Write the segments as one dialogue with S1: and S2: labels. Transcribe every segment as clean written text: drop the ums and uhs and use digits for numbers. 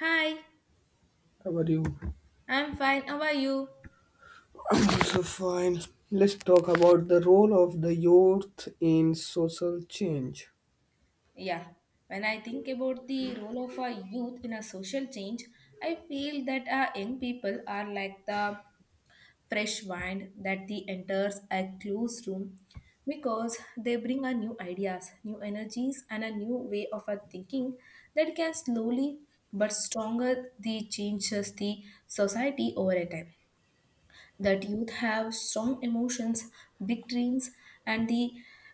S1: Hi,
S2: How are you?
S1: I'm fine. How are you?
S2: I'm also fine. Let's talk about the role of the youth in social change.
S1: Yeah, when I think about the role of a youth in a social change, I feel that our young people are like the fresh wind that the enters a closed room because they bring a new ideas, new energies, and a new way of a thinking that can slowly but stronger the changes the society over a time that youth have strong emotions, big dreams, and the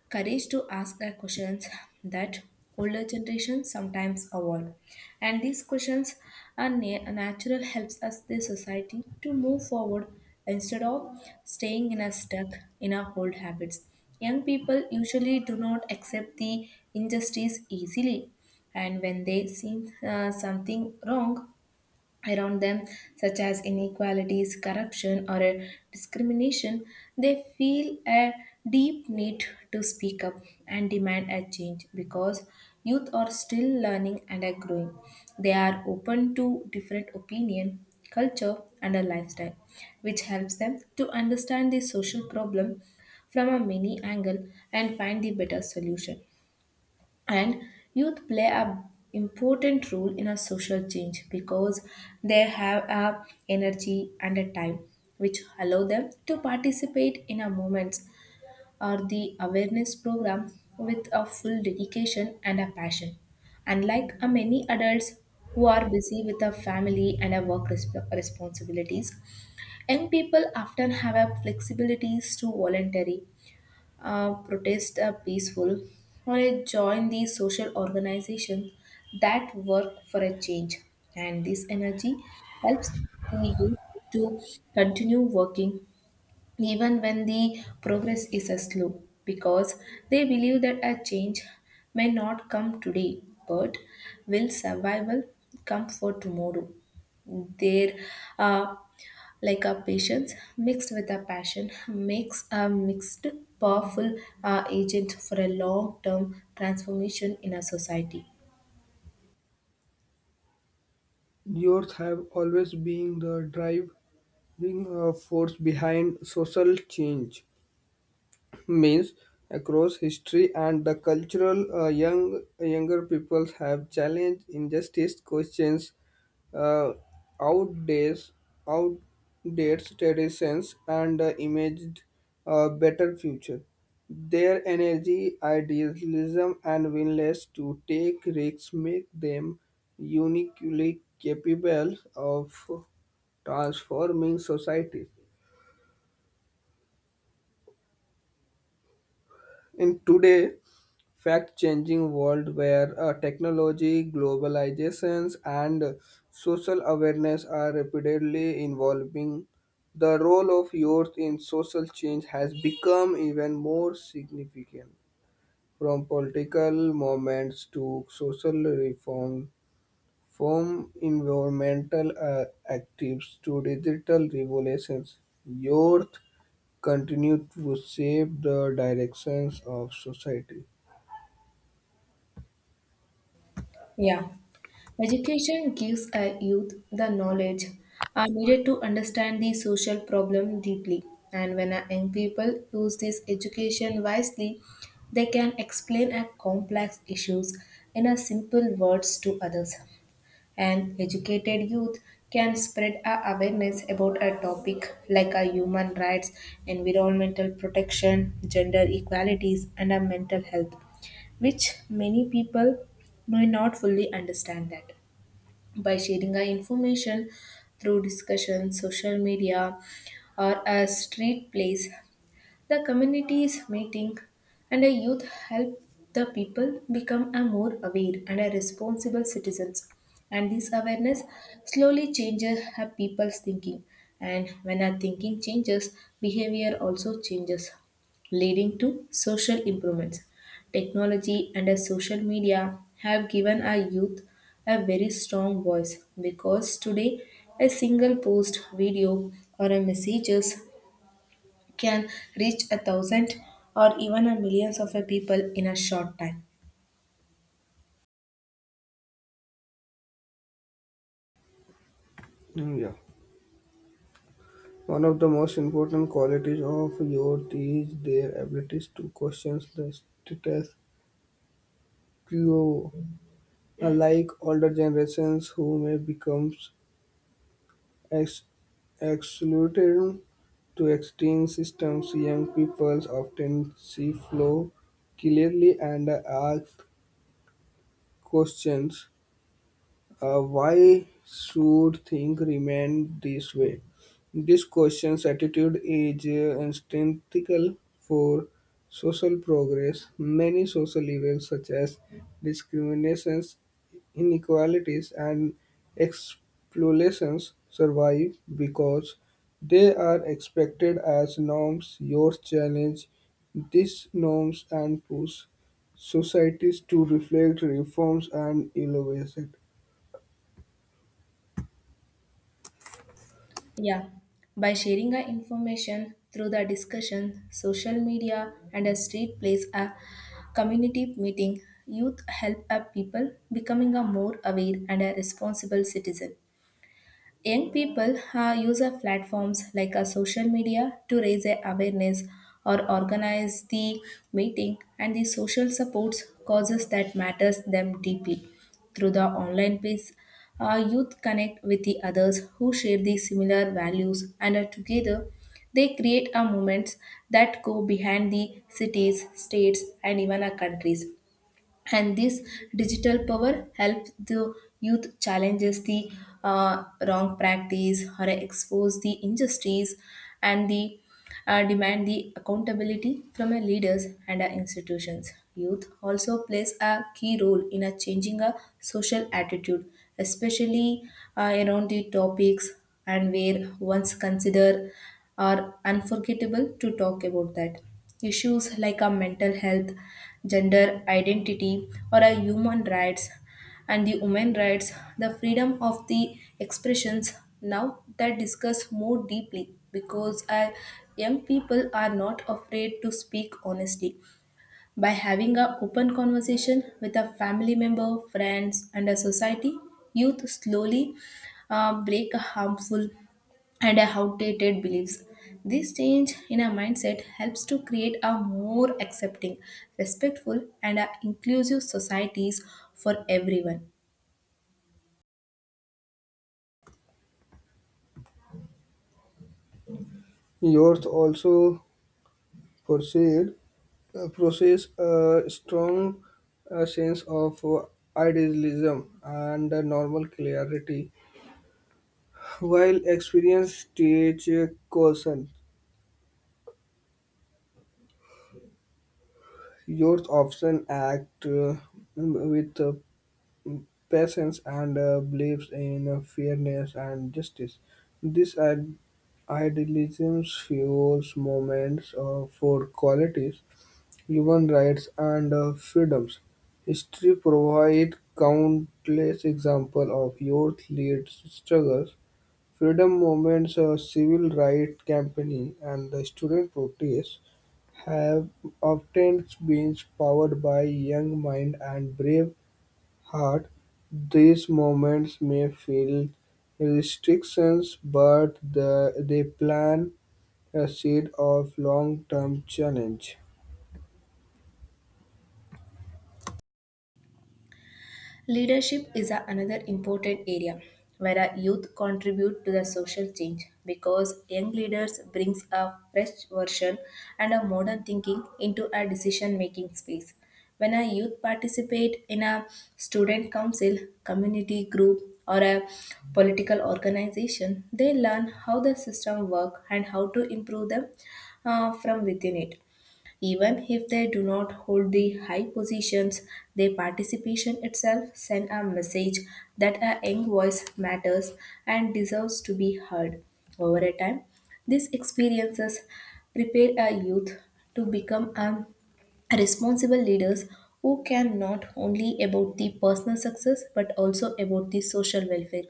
S1: courage to ask the questions that older generations sometimes avoid. And these questions are natural helps us the society to move forward instead of staying in a stuck in our old habits. Young people usually do not accept the injustice easily and when they see something wrong around them, such as inequalities, corruption, or discrimination, they feel a deep need to speak up and demand a change because youth are still learning and are growing. They are open to different opinion, culture, and a lifestyle, which helps them to understand the social problem from a many angle and find the better solution. And youth play a important role in a social change because they have a energy and a time which allow them to participate in a movements or the awareness program with a full dedication and a passion. Unlike a many adults who are busy with a family and a work responsibilities, young people often have a flexibilities to voluntary protest are peaceful, or I join these social organizations that work for a change. And this energy helps the youth to continue working even when the progress is a slow, because they believe that a change may not come today but will survival come for tomorrow. Their uh, like a patience mixed with a passion makes a mixed powerful agent for a long term transformation in a society.
S2: Youth have always been the driving force behind social change. Means across history and the cultural, younger people have challenged injustice questions uh, outdates outdates traditions and imaged a better future. Their energy, idealism, and willingness to take risks make them uniquely capable of transforming society. In today, fact-changing world where technology, globalizations, and social awareness are rapidly evolving, the role of youth in social change has become even more significant. From political movements to social reform, from environmental activists to digital revolutions, youth continue to shape the directions of society.
S1: Yeah. Education gives a youth the knowledge are needed to understand the social problem deeply. And when a young people use this education wisely, they can explain a complex issues in a simple words to others. And educated youth can spread a awareness about a topic like a human rights, environmental protection, gender equalities, and a mental health, which many people may not fully understand that by sharing our information through discussion, social media, or a street place the community is meeting, and the youth help the people become a more aware and a responsible citizens. And this awareness slowly changes a people's thinking. And when our thinking changes, behavior also changes, leading to social improvements. Technology and social media have given our youth a very strong voice because today a single post, video, or a messages can reach a thousand or even a millions of a people in a short time.
S2: Mm, yeah. One of the most important qualities of youth is their ability to question the status quo. Unlike older generations who may become ex- excluded to extreme systems, young people often see flow clearly and ask questions. Why should things remain this way? This question's attitude is instinctual for social progress. Many social events, such as discriminations, inequalities, and exploitations, survive because they are expected as norms. Your challenge these norms and push societies to reflect reforms and innovation.
S1: Yeah, by sharing our information through the discussion, social media, and a street place, a community meeting, youth help our people becoming a more aware and a responsible citizen. Young people use a platforms like a social media to raise a awareness or organize the meeting and the social supports causes that matters them deeply. Through the online space, youth connect with the others who share the similar values and are together they create a movements that go behind the cities, states and even our countries, and this digital power helps the youth challenges the wrong practice or expose the injustice and the demand the accountability from our leaders and our institutions. Youth also plays a key role in a changing a social attitude, especially around the topics and where once considered are unforgettable to talk about that. Issues like our mental health, gender identity, or our human rights and the women rights, the freedom of the expressions now that discuss more deeply because our young people are not afraid to speak honestly. By having a open conversation with a family member, friends, and a society, youth slowly break a harmful and outdated beliefs. This change in our mindset helps to create a more accepting, respectful, and a inclusive societies for everyone.
S2: Youth also proceed, possess a strong sense of idealism and a normal clarity. While experience teach caution, youth often act with patience and believes in fairness and justice. This ad- Idealism fuels moments for qualities human rights and freedoms. History provides countless examples of youth-led struggles, freedom movements, civil rights campaigning, and the student protests have often been powered by young mind and brave heart. These movements may feel restrictions, but they plant a seed of long-term challenge.
S1: Leadership is another important area where our youth contribute to the social change because young leaders brings a fresh version and a modern thinking into a decision making space. When a youth participate in a student council, community group or a political organization, they learn how the system work and how to improve them from within it. Even if they do not hold the high positions, their participation itself sends a message that a young voice matters and deserves to be heard. Over a time, these experiences prepare a youth to become a responsible leaders who can not only about the personal success but also about the social welfare.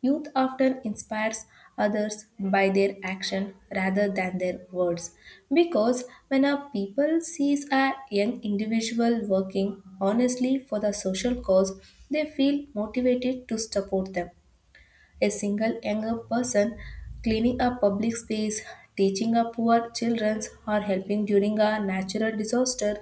S1: Youth often inspires others by their action rather than their words because when a people sees a young individual working honestly for the social cause they feel motivated to support them. A single younger person cleaning a public space, teaching a poor children or helping during a natural disaster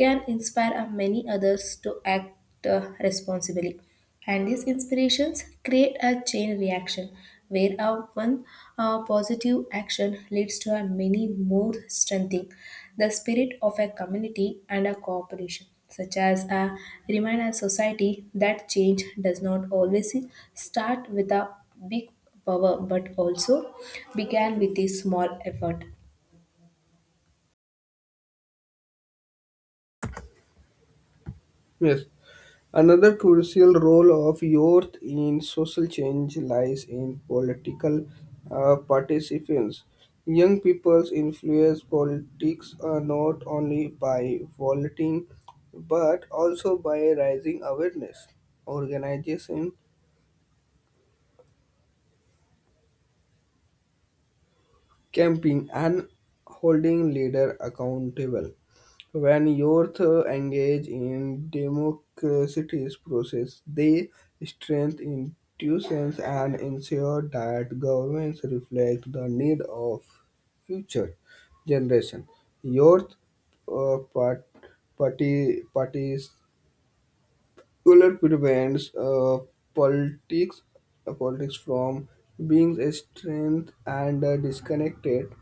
S1: can inspire many others to act responsibly. And these inspirations create a chain reaction where a one positive action leads to a many more strengthening the spirit of a community and a cooperation, such as a remind a society that change does not always start with a big power but also began with a small effort.
S2: Yes. Another crucial role of youth in social change lies in political participants. Young people's influence politics not only by voting but also by raising awareness, organization, campaign, and holding leader accountable. When youth engage in democracy's process, they strengthen institutions and ensure that governments reflect the need of future generation. Youth uh, part, parties. Will it prevents politics, politics from being a strength and disconnected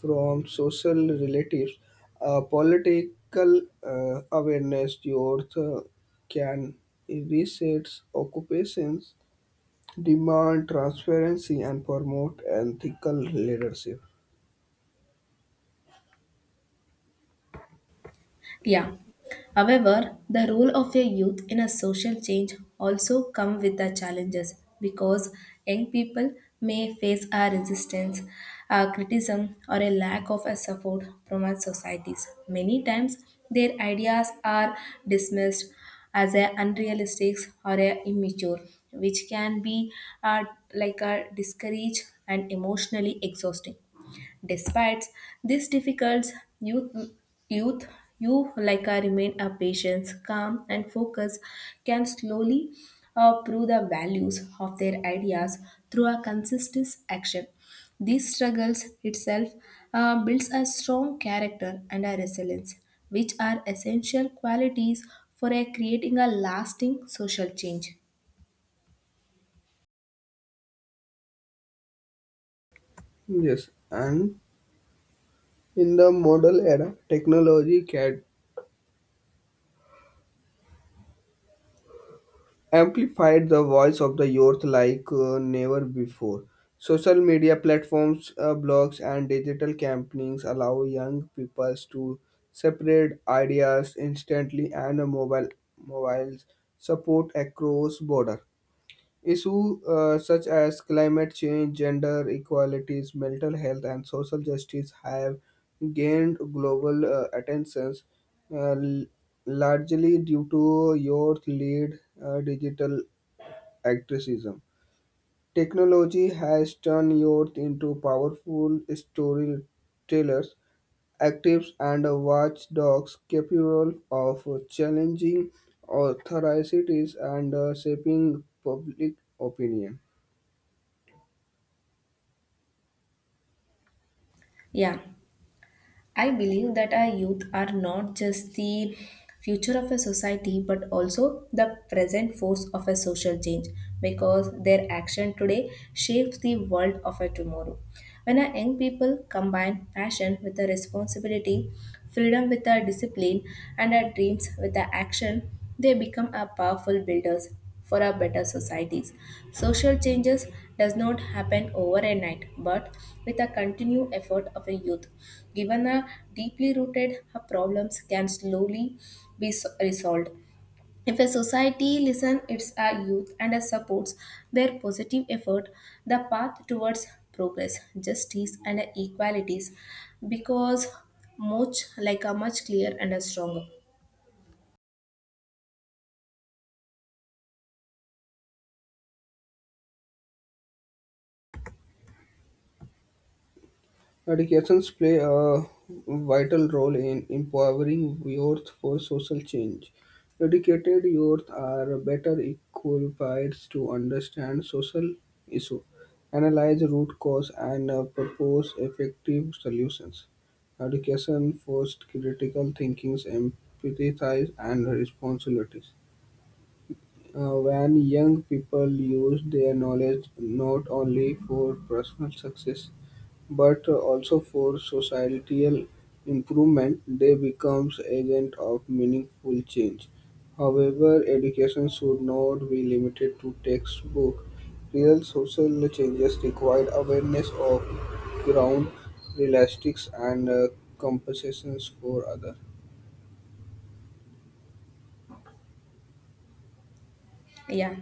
S2: from social relatives. Political awareness youth can reset occupations, demand transparency, and promote ethical leadership.
S1: Yeah. However, the role of a youth in a social change also come with the challenges because young people may face a resistance, a criticism or a lack of a support from our societies. Many times their ideas are dismissed as a unrealistic or a immature, which can be uh, like a discouraged and emotionally exhausting. Despite these difficulties, youth, youth you like I remain a patience, calm, and focus can slowly prove the values of their ideas through a consistent action. These struggles itself builds a strong character and a resilience, which are essential qualities for creating a lasting social change.
S2: Yes, and in the modern era, technology can amplified the voice of the youth like never before. Social media platforms, blogs, and digital campaigns allow young people to separate ideas instantly, and mobiles support across border issues such as climate change, gender equalities, mental health, and social justice have gained global attentions uh, l- largely due to youth lead digital activism. Technology has turned youth into powerful storytellers, actives, and watchdogs capable of challenging authorities and shaping public opinion.
S1: Yeah. I believe that our youth are not just the future of a society but also the present force of a social change because their action today shapes the world of a tomorrow. When our young people combine passion with a responsibility, freedom with a discipline, and our dreams with a action, they become a powerful builders for our better societies. Social changes does not happen overnight, but with a continued effort of a youth. Given a deeply rooted, her problems can slowly be resolved. If a society listens its youth and supports their positive effort, the path towards progress, justice, and equalities because much like a much clear and a strong.
S2: Educations play a vital role in empowering youth for social change. Educated youth are better equipped to understand social issues, analyze root cause, and propose effective solutions. Education fosters critical thinking, empathy, and responsibilities. When young people use their knowledge not only for personal success but also for societal improvement. They become agents of meaningful change. However, education should not be limited to textbook. Real social changes require awareness of ground realistics and compensations for others.
S1: Yeah.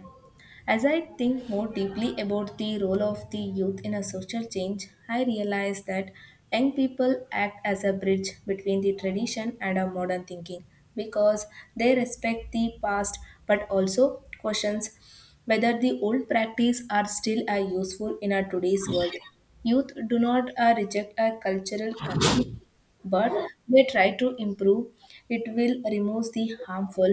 S1: As I think more deeply about the role of the youth in a social change, I realize that young people act as a bridge between the tradition and our modern thinking because they respect the past but also questions whether the old practice are still are useful in our today's world. Youth do not reject a cultural completely but they try to improve it will remove the harmful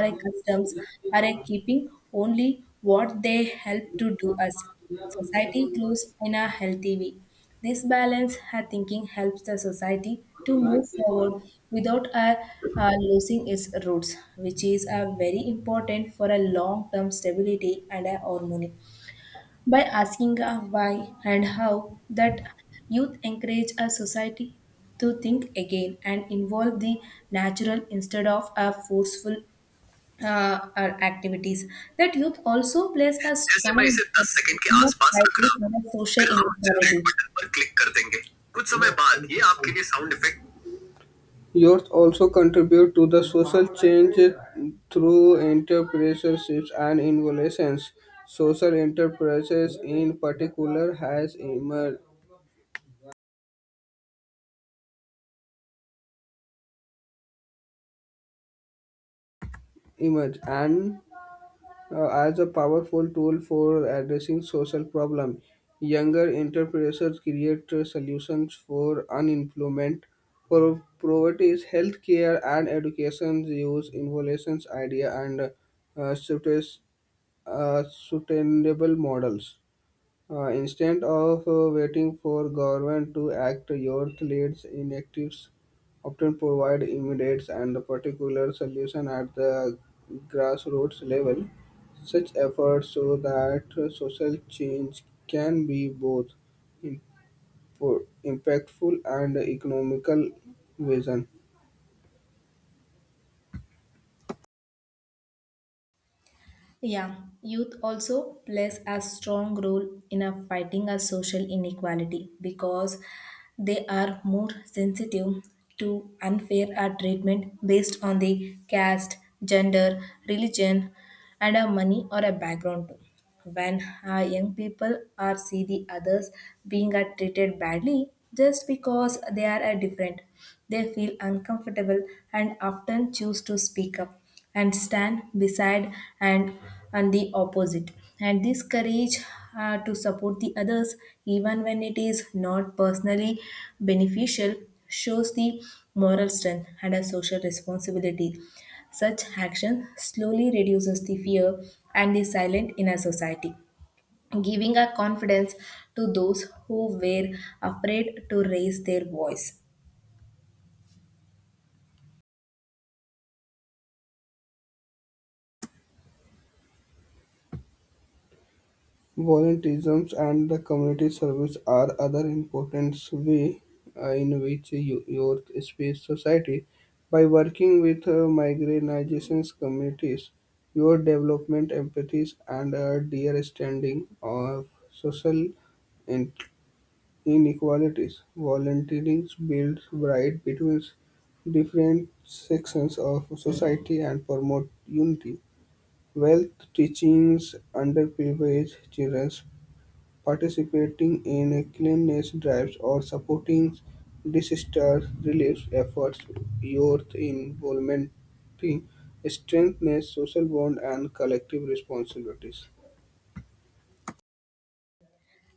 S1: our customs are keeping only what they help to do us society grows in a healthy way. This balance I thinking helps the society to move forward without losing its roots, which is very important for a long term stability and a harmony by asking a why and how that youth encourage a society to think again and involve the natural instead of a forceful uh, activities that youth also plays a
S2: जैसे मैं
S1: strong
S2: इसे
S1: role
S2: 10 second के
S1: in
S2: आसपास रख
S1: the
S2: रहा हूँ
S1: social
S2: फिर हम जनरेट
S1: inequality.
S2: बटन पर क्लिक कर देंगे कुछ समय बाद ये आपके लिए sound effect. Youth also contribute to the social change through entrepreneurships and innovations. Social enterprises, in particular, has emerged and as a powerful tool for addressing social problems. Younger entrepreneurs create solutions for unemployment, for poverty, healthcare, and education. Use innovations, idea, and uh, suites- sustainable models. Instead of waiting for government to act, youth leads initiatives often provide immediate and particular solution at the grassroots level. Such efforts show that social change can be both impactful and economical vision.
S1: Yeah, youth also plays a strong role in a fighting a social inequality because they are more sensitive to unfair treatment based on the caste, gender, religion, and a money or a background too. When young people are see the others being are treated badly just because they are different, they feel uncomfortable and often choose to speak up and stand beside and on the opposite. And this courage to support the others even when it is not personally beneficial shows the moral strength and a social responsibility. Such action slowly reduces the fear and the silence in our society, giving a confidence to those who were afraid to raise their voice.
S2: Volunteerism and the community service are other important ways in which youth space society. By working with marginalization communities, your development empathy and a dear standing of social in- inequalities. Volunteering builds bridge between different sections of society and promote unity. Wealth teachings underprivileged children participating in cleanliness drives, or supporting disaster relief efforts. Your involvement strengthens social bonds and collective responsibilities.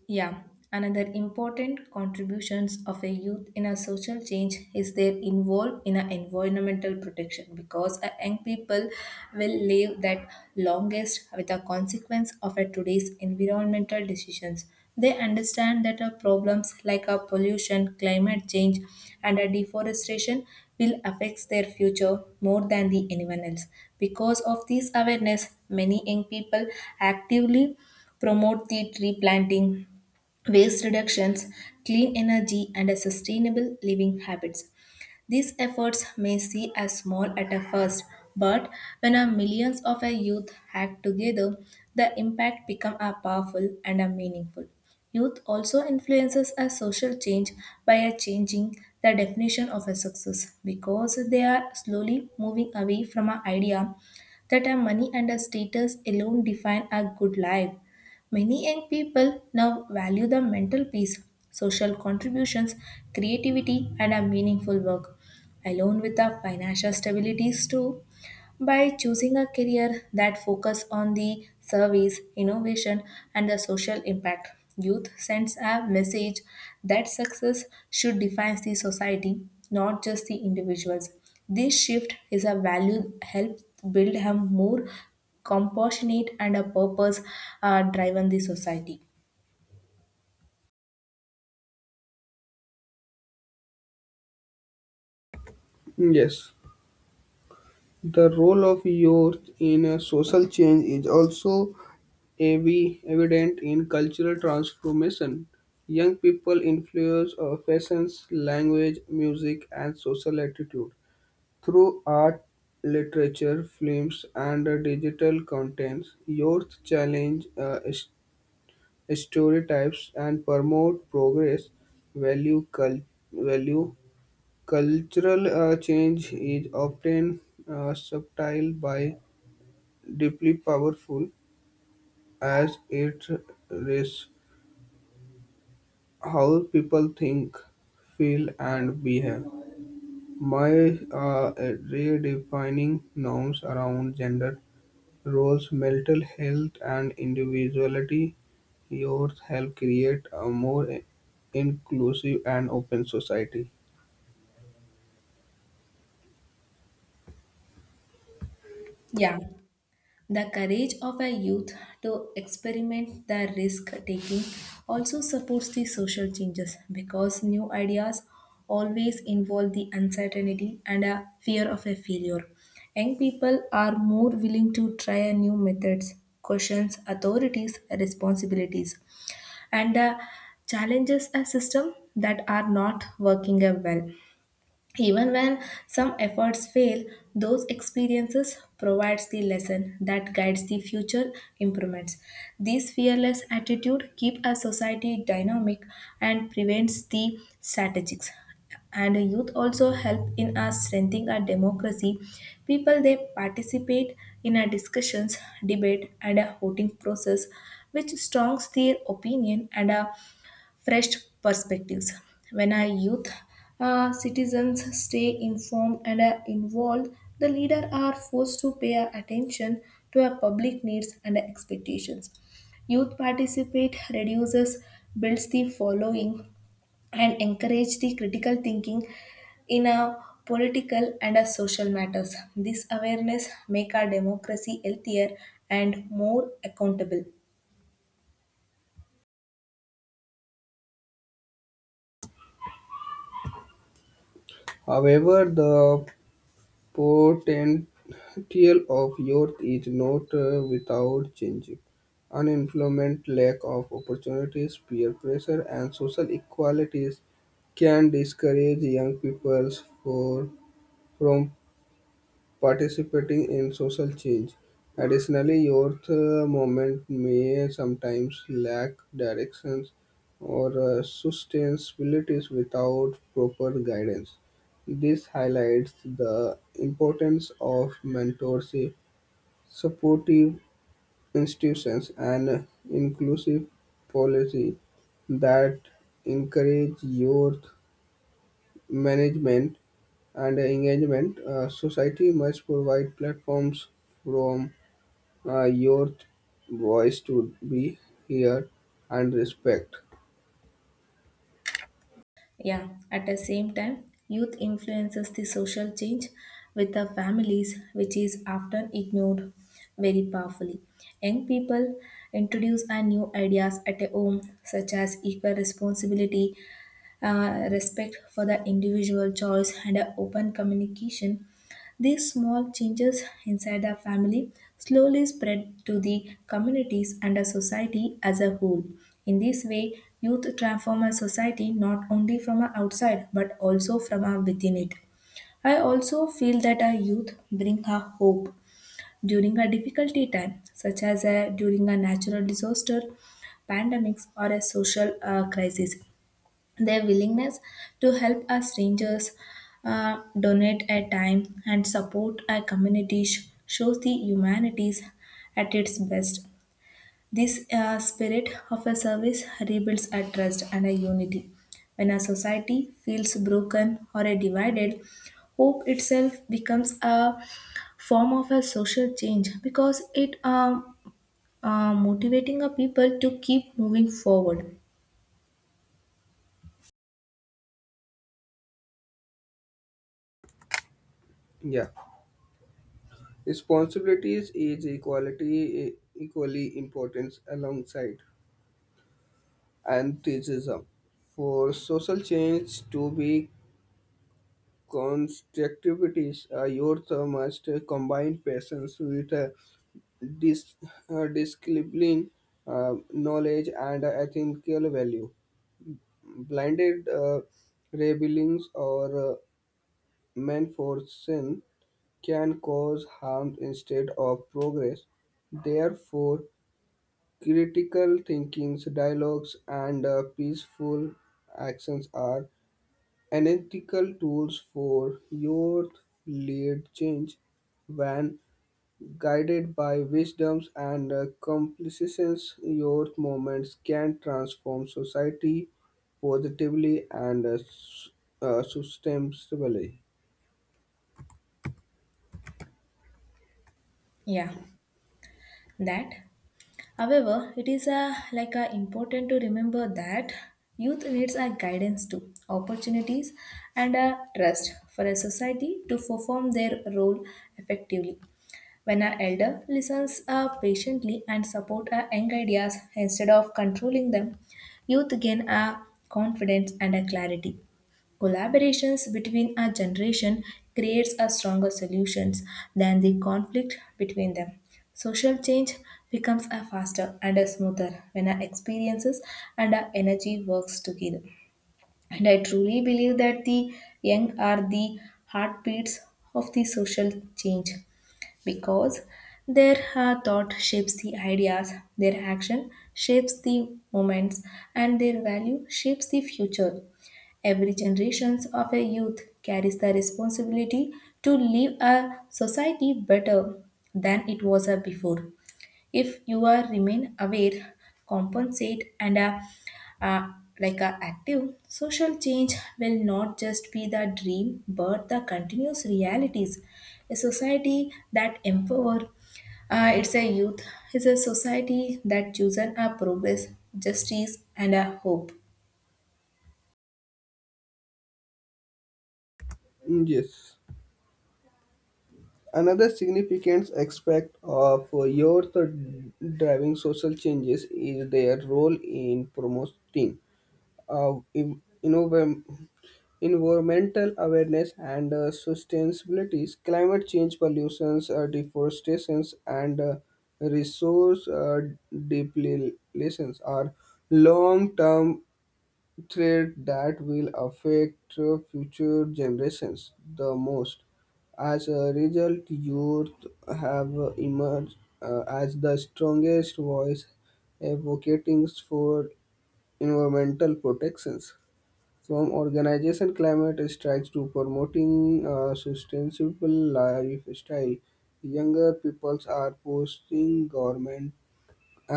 S1: Yeah, another important contributions of a youth in a social change is their involved in a environmental protection because a young people will live that longest with the consequence of a today's environmental decisions. They understand that our problems like a pollution, climate change, and a deforestation will affect their future more than the anyone else. Because of this awareness, many young people actively promote the tree planting, waste reductions, clean energy, and sustainable living habits. These efforts may seem as small at a first, but when a millions of a youth act together, the impact becomes a powerful and a meaningful. Youth also influences a social change by a changing the definition of a success because they are slowly moving away from an idea that a money and a status alone define a good life. Many young people now value the mental peace, social contributions, creativity, and a meaningful work, along with the financial stabilities too. By choosing a career that focuses on the service, innovation, and the social impact, youth sends a message that success should define the society, not just the individuals. This shift is a value help build a more compassionate and a purpose driven the society.
S2: Yes, the role of youth in a social change is also evident in cultural transformation. Young people influence our fashions, language, music, and social attitude through art, literature, films, and digital contents, youth challenge stereotypes and promote progress. Value, cul- Value. Cultural change is often subtle by deeply powerful as it is how people think, feel, and behave. My uh, Redefining norms around gender roles, mental health and individuality youth help create a more inclusive and open society.
S1: Yeah. The courage of a youth to experiment the risk taking also supports the social changes because new ideas always involve the uncertainty and a fear of a failure. Young people are more willing to try a new methods, questions authorities' responsibilities, and challenges a system that are not working well. Even when some efforts fail, those experiences provides the lesson that guides the future improvements. This fearless attitude keep a society dynamic and prevents the strategics. And youth also help in us strengthening our democracy. People they participate in our discussions, debate, and a voting process, which strongs their opinion and fresh perspectives. When our youth citizens stay informed and are involved, the leaders are forced to pay attention to our public needs and expectations. Youth participate reduces, builds the following, and encourage the critical thinking in a political and a social matters. This awareness make our democracy healthier and more accountable.
S2: However, the potential of youth is not without changing. Unemployment, lack of opportunities, peer pressure, and social inequalities can discourage young people for, from participating in social change. Additionally, youth movement may sometimes lack directions or sustainability without proper guidance. This highlights the importance of mentorship, supportive institutions, and inclusive policy that encourage youth management and engagement. Uh, society must provide platforms from your voice to be heard and respect.
S1: Yeah, at the same time, youth influences the social change with the families, which is often ignored very powerfully. Young people introduce a new ideas at a home, such as equal responsibility, respect for the individual choice, and a open communication. These small changes inside the family slowly spread to the communities and the society as a whole. In this way, youth transform a society not only from a outside but also from a within it. I also feel that a youth bring a hope during a difficulty time, such as a, during a natural disaster, pandemics, or a social crisis. Their willingness to help us strangers, donate a time, and support our communities shows the humanities at its best. This spirit of a service rebuilds a trust and a unity. When a society feels broken or a divided, hope itself becomes a form of a social change because it motivating a people to keep moving forward.
S2: Yeah, responsibilities is equality equally important alongside antisemitism. For social change to be constructivity, youth must combine passions with dis- discipline, knowledge, and ethical value. Blinded rebellions or menforcing can cause harm instead of progress. Therefore, critical thinkings, dialogues, and peaceful actions are analytical tools for youth lead change when guided by wisdoms and complicitous youth movements can transform society positively and sustainably.
S1: Yeah, that. However, it is a, like a important to remember that youth needs a guidance too, opportunities and a trust for a society to perform their role effectively. When an elder listens patiently and support our young ideas instead of controlling them, youth gain a confidence and a clarity. Collaborations between a generation creates a stronger solutions than the conflict between them. Social change becomes a faster and a smoother when our experiences and our energy works together. And I truly believe that the young are the heartbeats of the social change because their thought shapes the ideas, their action shapes the moments, and their value shapes the future. Every generation of a youth carries the responsibility to leave a society better than it was before. If you are remain aware, compensate and uh, like a active, social change will not just be the dream but the continuous realities, a society that empower it's a youth is a society that chooses a progress, justice, and a hope.
S2: Mm, yes. Another significant aspect of youth driving social changes is their role in promoting uh, in, innov- environmental awareness and sustainability, climate change, pollutions, deforestations, and resource depletions are long-term threat that will affect future generations the most. As a result, youth have emerged as the strongest voice advocating for environmental protections. From organization climate strikes to promoting a sustainable lifestyle, younger peoples are pushing government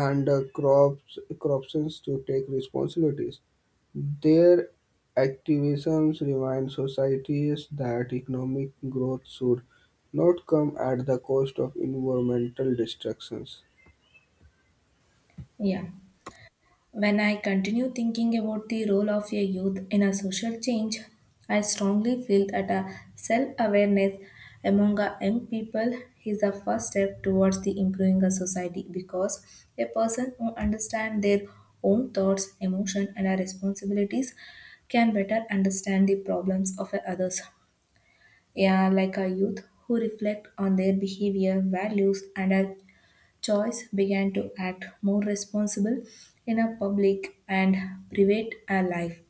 S2: and crops corporations to take responsibilities. Their activisms remind societies that economic growth should not come at the cost of environmental destructions.
S1: Yeah. When I continue thinking about the role of a youth in a social change, I strongly feel that a self-awareness among a young people is the first step towards the improving a society because a person who understands their own thoughts, emotions, and our responsibilities can better understand the problems of others. Yeah, like a youth who reflect on their behavior, values, and are choice began to act more responsible in a public and private life.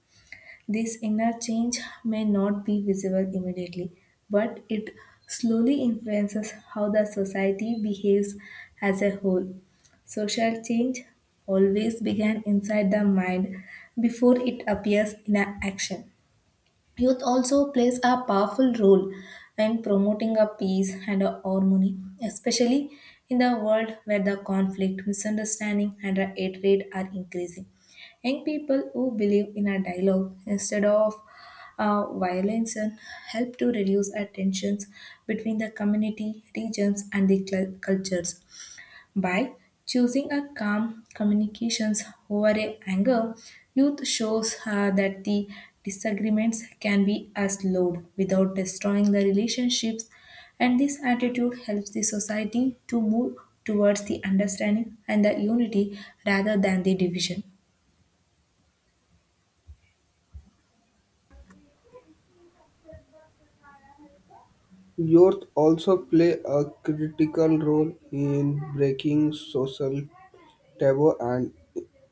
S1: This inner change may not be visible immediately, but it slowly influences how the society behaves as a whole. Social change always began inside the mind before it appears in a action. Youth also plays a powerful role in promoting a peace and a harmony, especially in the world where the conflict, misunderstanding, and the hatred are increasing. Young people who believe in a dialogue instead of violence and help to reduce our tensions between the community, regions, and the cultures. By choosing a calm communications over a anger, youth shows that the disagreements can be as load without destroying the relationships, and this attitude helps the society to move towards the understanding and the unity rather than the division.
S2: Youth also play a critical role in breaking social taboo and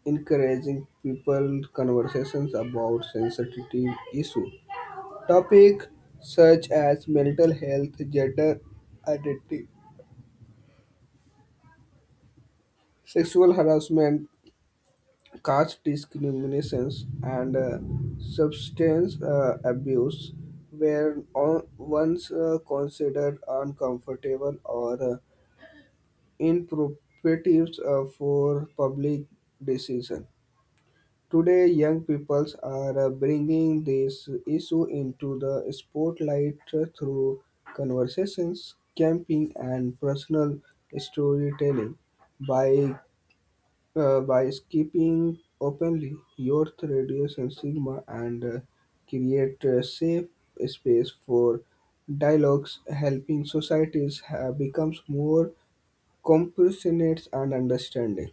S2: encouraging people conversations about sensitive issues. Topics such as mental health, gender identity, sexual harassment, caste discriminations, and substance abuse were once considered uncomfortable or inappropriate for public decision. Today, young people are bringing this issue into the spotlight through conversations, camping, and personal storytelling. By by skipping openly, youth reduce and stigma and create a safe space for dialogues, helping societies have becomes more compassionate and understanding.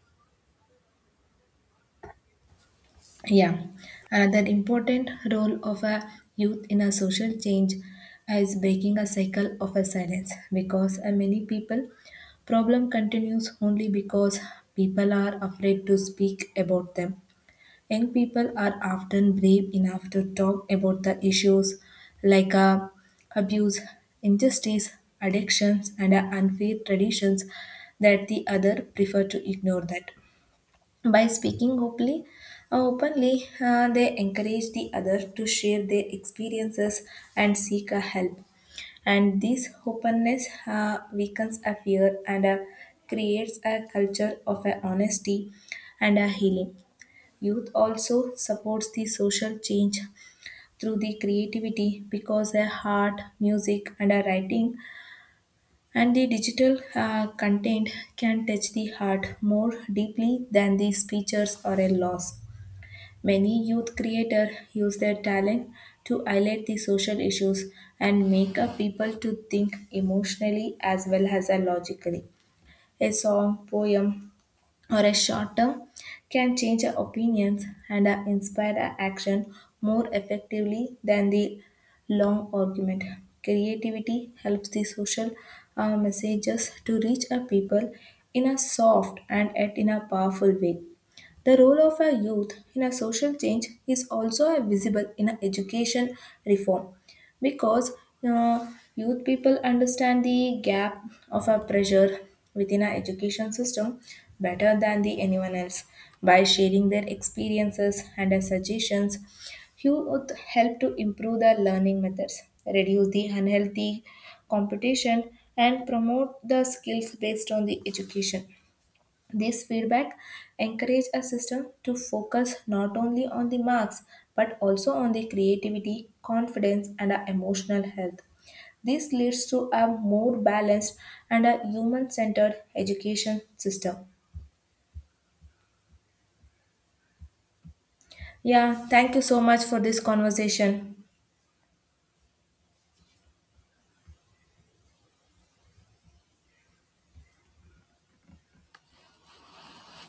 S1: Yeah, another important role of a youth in a social change is breaking a cycle of a silence because many people problem continues only because people are afraid to speak about them. Young people are often brave enough to talk about the issues like abuse, injustice, addictions, and unfair traditions that the other prefer to ignore that by speaking openly, they encourage the other to share their experiences and seek a help. And this openness weakens a fear and creates a culture of a honesty and a healing. Youth also supports the social change through the creativity because their art, music, and a writing and the digital content can touch the heart more deeply than the speeches or a loss. Many youth creators use their talent to highlight the social issues and make up people to think emotionally as well as logically. A song, poem, or a short term can change our opinions and inspire our action more effectively than the long argument. Creativity helps the social messages to reach our people in a soft and yet in a powerful way. The role of a youth in a social change is also visible in a education reform because uh, youth people understand the gap of a pressure within our education system better than the anyone else. By sharing their experiences and their suggestions, youth help to improve the learning methods, reduce the unhealthy competition, and promote the skills based on the education. This feedback encourage a system to focus not only on the marks but also on the creativity, confidence, and our emotional health. This leads to a more balanced and a human centered education system. Yeah, thank you so much for this conversation.